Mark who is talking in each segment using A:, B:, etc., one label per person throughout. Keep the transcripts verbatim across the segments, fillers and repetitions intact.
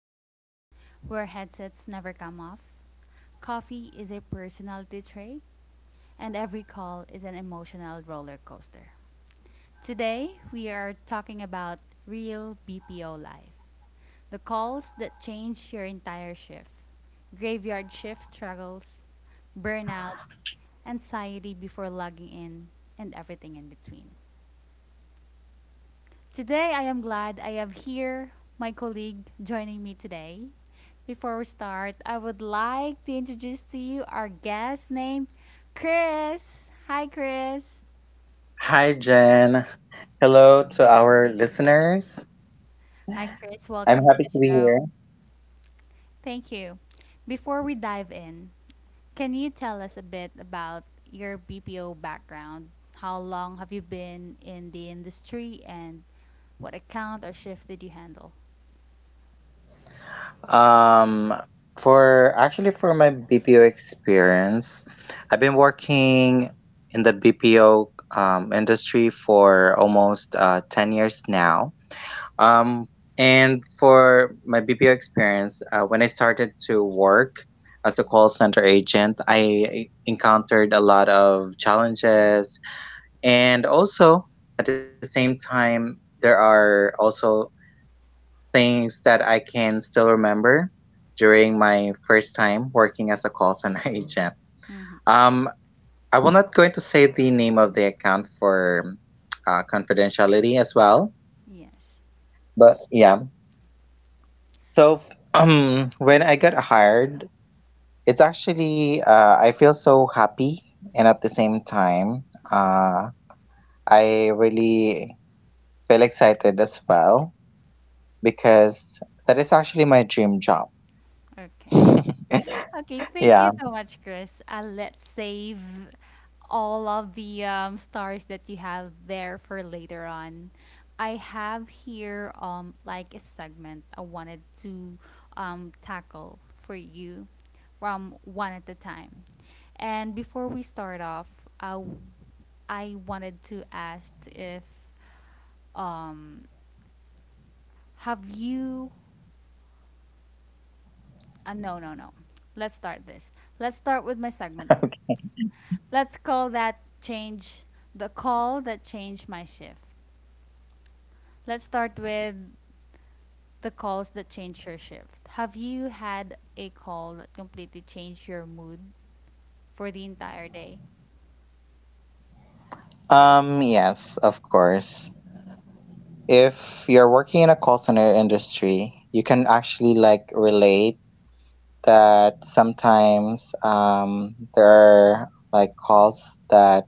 A: Hab, where headsets never come off, coffee is a personality trait, and every call is an emotional roller coaster. Today, we are talking about real B P O life, the calls that change your entire shift, graveyard shift struggles, burnout, anxiety before logging in, and everything in between. Today, I am glad I have here my colleague joining me today. Before we start, I would like to introduce to you our guest named Chris. Hi, Chris.
B: Hi, Jen. Hello to our listeners.
A: Hi, Chris.
B: I'm
A: Welcome to
B: happy
A: the
B: to be here.
A: show. Thank you. Before we dive in, can you tell us a bit about your B P O background? How long have you been in the industry and what account or shift did you handle?
B: Um, for actually for my B P O experience, I've been working in the B P O um, industry for almost uh, ten years now. Um, and for my B P O experience, uh, when I started to work as a call center agent, I encountered a lot of challenges. And also, at the same time, there are also things that I can still remember during my first time working as a call center agent.
A: Hmm.
B: Um, I will not going to say the name of the account for uh, confidentiality as well,
A: Yes.
B: but yeah. So um, when I got hired, it's actually uh, I feel so happy, and at the same time, uh, I really feel excited as well because that is actually my dream job.
A: Okay. Okay, thank
B: Yeah.
A: you so much, Chris. Uh, let's save all of the um, stars that you have there for later on. I have here um like a segment I wanted to um tackle for you from one at a time. And before we start off, uh, I wanted to ask if um have you uh, no no no. Let's start this. Let's start with my segment one. Let's call that change The call that changed my shift. Let's start with the calls that changed your shift. Have you had a call that completely changed your mood for the entire day?
B: Um, yes, of course. If you're working in a call center industry, you can actually like relate that sometimes um, there are like calls that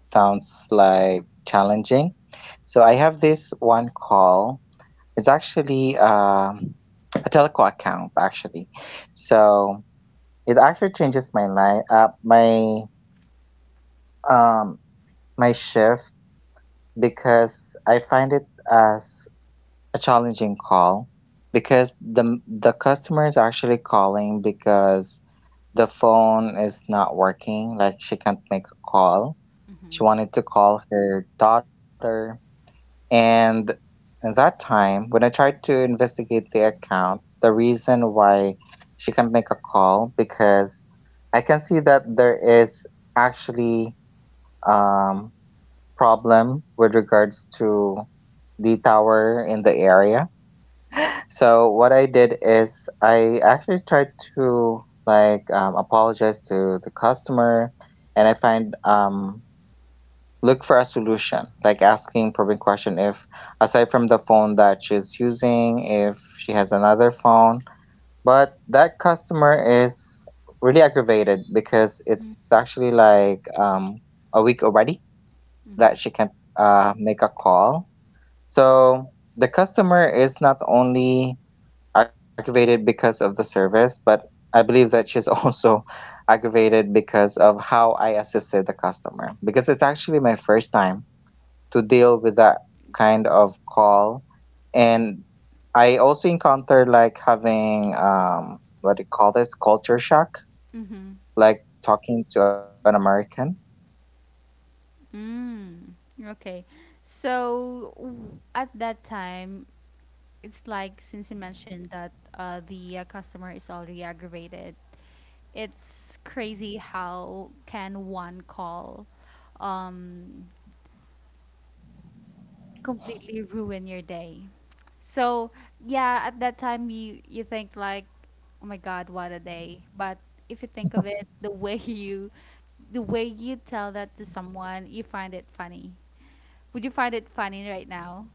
B: sounds like challenging. So I have this one call. It's actually um, a telco account actually. So it actually changes my life, uh, my um, my shift because I find it as a challenging call because the the customer is actually calling because the phone is not working, like she can't make a call. She
A: Mm-hmm.
B: wanted to call her daughter, and at that time when I tried to investigate the account, the reason why she can't make a call because I can see that there is actually um, problem with regards to the tower in the area. So what I did is I actually tried to like um, apologize to the customer, and I find um, look for a solution, like asking probing question if aside from the phone that she's using, if she has another phone. But that customer is really aggravated because it's
A: Mm-hmm.
B: actually like um, a week already that she can't uh, make a call, so the customer is not only aggravated because of the service, but I believe that she's also aggravated because of how I assisted the customer. Because it's actually my first time to deal with that kind of call. And I also encountered like having um what do you call this? Culture shock,
A: Mm-hmm.
B: like talking to an American.
A: Mm. Okay. So w- at that time, it's like, since you mentioned that uh, the uh, customer is already aggravated, it's crazy how can one call um, completely ruin your day. So yeah, at that time you you think like, oh my God, what a day. But if you think of it, the way you, the way you tell that to someone, you find it funny. Would you find it funny right now?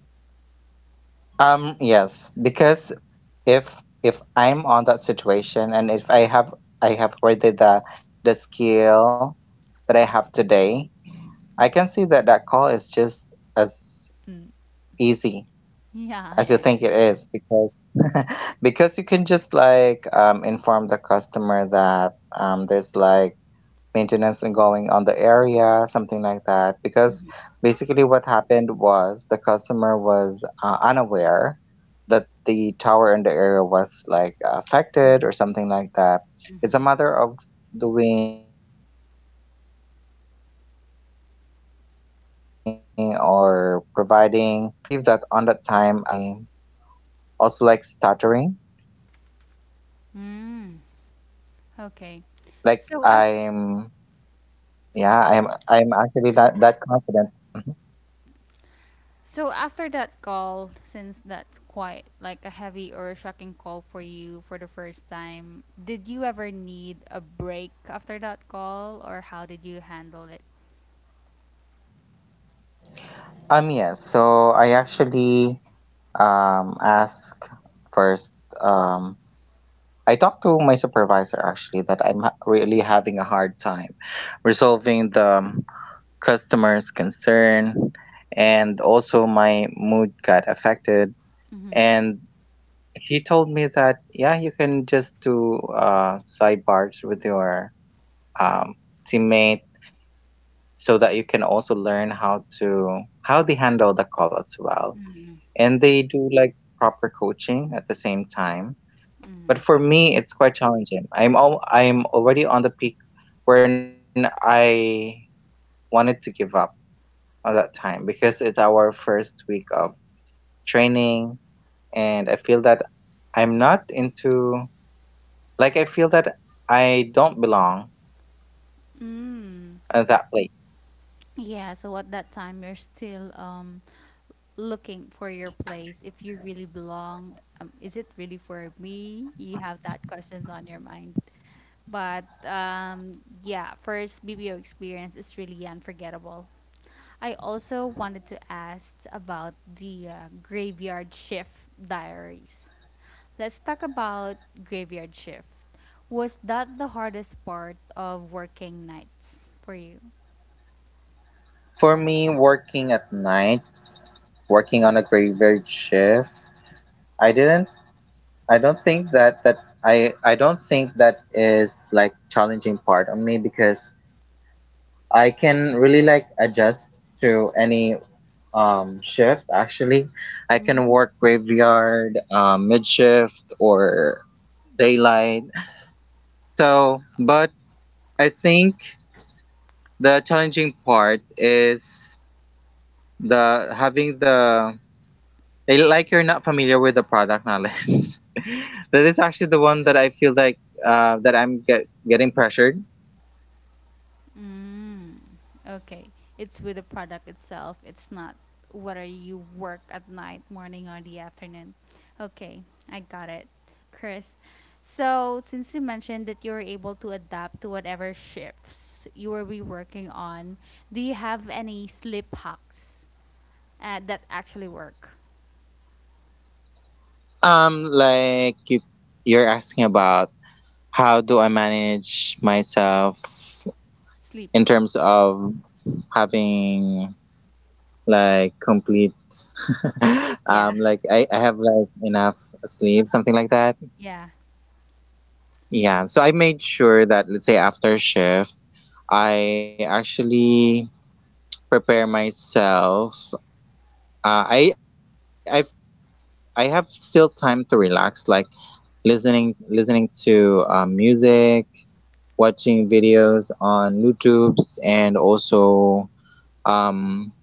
B: Um, yes, because if if I'm on that situation and if I have I have already the the skill that I have today, I can see that that call is just as
A: Mm.
B: easy
A: Yeah, yeah,
B: as you
A: yeah.
B: think it is because because you can just like um, inform the customer that um, there's like maintenance and going on the area, something like that. Because
A: Mhm,
B: basically, what happened was the customer was uh, unaware that the tower in the area was like affected
A: mhm,
B: or something like that. It's a
A: mhm.
B: matter of doing or providing um, proper resolution to the customer. Because I believe that on that time, I
A: Mm,
B: also like stuttering.
A: okay. So after
B: Like I'm, yeah, I'm, I'm actually not that confident. Mm-hmm.
A: So after that call, since that's quite like a heavy or a shocking call for you for the first time, did you ever need a break after that call, or how did you handle it?
B: Um, yes. So I actually um ask first. Um, I talked to my supervisor actually that I'm ha- really having a hard time resolving the um, customer's concern, and also my mood got affected.
A: Mm-hmm.
B: And he told me that yeah, you can just do uh sidebars with your um teammate so that you can also learn how to how they handle the call as well,
A: Mm-hmm.
B: and they do like proper coaching at the same time. But
A: Mm-hmm.
B: for me, it's quite challenging. I'm all I'm already on the peak when I wanted to give up at that time because it's our first week of training, and I feel that I'm not into like I feel that I don't belong
A: Mm.
B: at that place.
A: Yeah, so at that time you're still um looking for your place if you really belong. Um, is it really for me? You have that questions on your mind. But um yeah, first B P O experience is really unforgettable. I also wanted to ask about the uh, graveyard shift diaries. Let's talk about graveyard shift. Was that the hardest part of working nights for you?
B: For me, working at night, working on a graveyard shift, I didn't I don't think that that I I don't think that is like challenging part on me because I can really like adjust to any um shift actually. I can
A: Mm.
B: work graveyard, um, mid shift or daylight. So, but I think the challenging part is the having the I- like you're not familiar with the product knowledge. That is actually the one that I feel like uh, that I'm get, getting pressured.
A: Mm, okay. It's with the product itself. It's not whether you work at night, morning, or the afternoon. Okay, I got it, Chris. So, since you mentioned that you were able to adapt to whatever shifts you will be working on, do you have any sleep hacks uh, that actually work?
B: Um, like you, you're asking about how do I manage myself
A: Sleep.
B: in terms of having like complete,
A: Sleep, yeah.
B: um, like I, I have like enough sleep, something like that.
A: Yeah.
B: Yeah. So I made sure that let's say after shift, I actually prepare myself. Uh, I I've, I have still time to relax, like listening listening to uh, music, watching videos on YouTube's, and also um,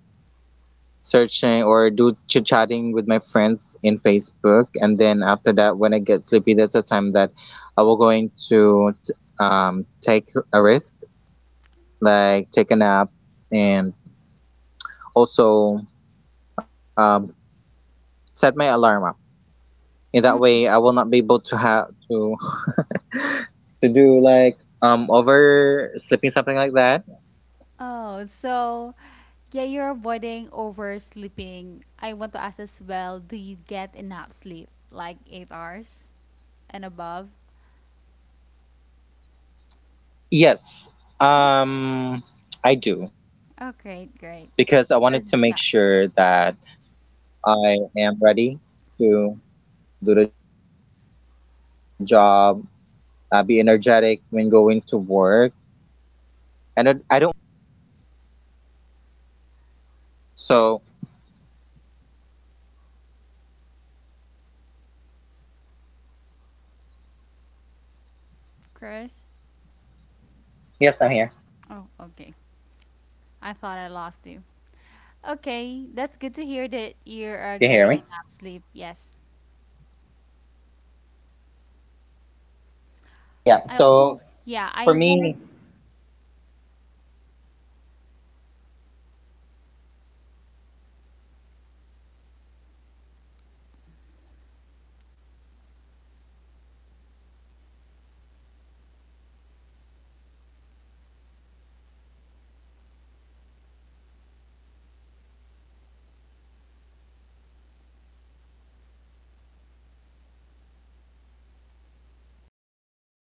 B: searching or do chit chatting with my friends in Facebook. And then after that, when I get sleepy, that's the time that I will going to t- um, take a rest, like take a nap, and also um, set my alarm
A: Mm.
B: in that way I will not be able to have to to do like um oversleeping, something like that.
A: Oh, so yeah, you're avoiding oversleeping. I want to ask as well, do you get enough sleep, like eight hours and above?
B: Yes.
A: Oh,
B: um I do
A: oh
B: because
A: great,
B: I
A: great.
B: wanted to make
A: Because,
B: sure
A: yeah,
B: that I am ready to do the job, uh, be energetic when going to work, and i I don't want also to like compromise my job as well. So
A: Chris. Oh, okay. I thought I lost you.
B: hello.
A: Okay, that's good to hear
B: Yes, I'm
A: that
B: here.
A: you are
B: Can you hear
A: getting
B: me?
A: enough sleep. Yes.
B: Yeah. Yeah,
A: I also,
B: so
A: yeah, I
B: for
A: wanted
B: me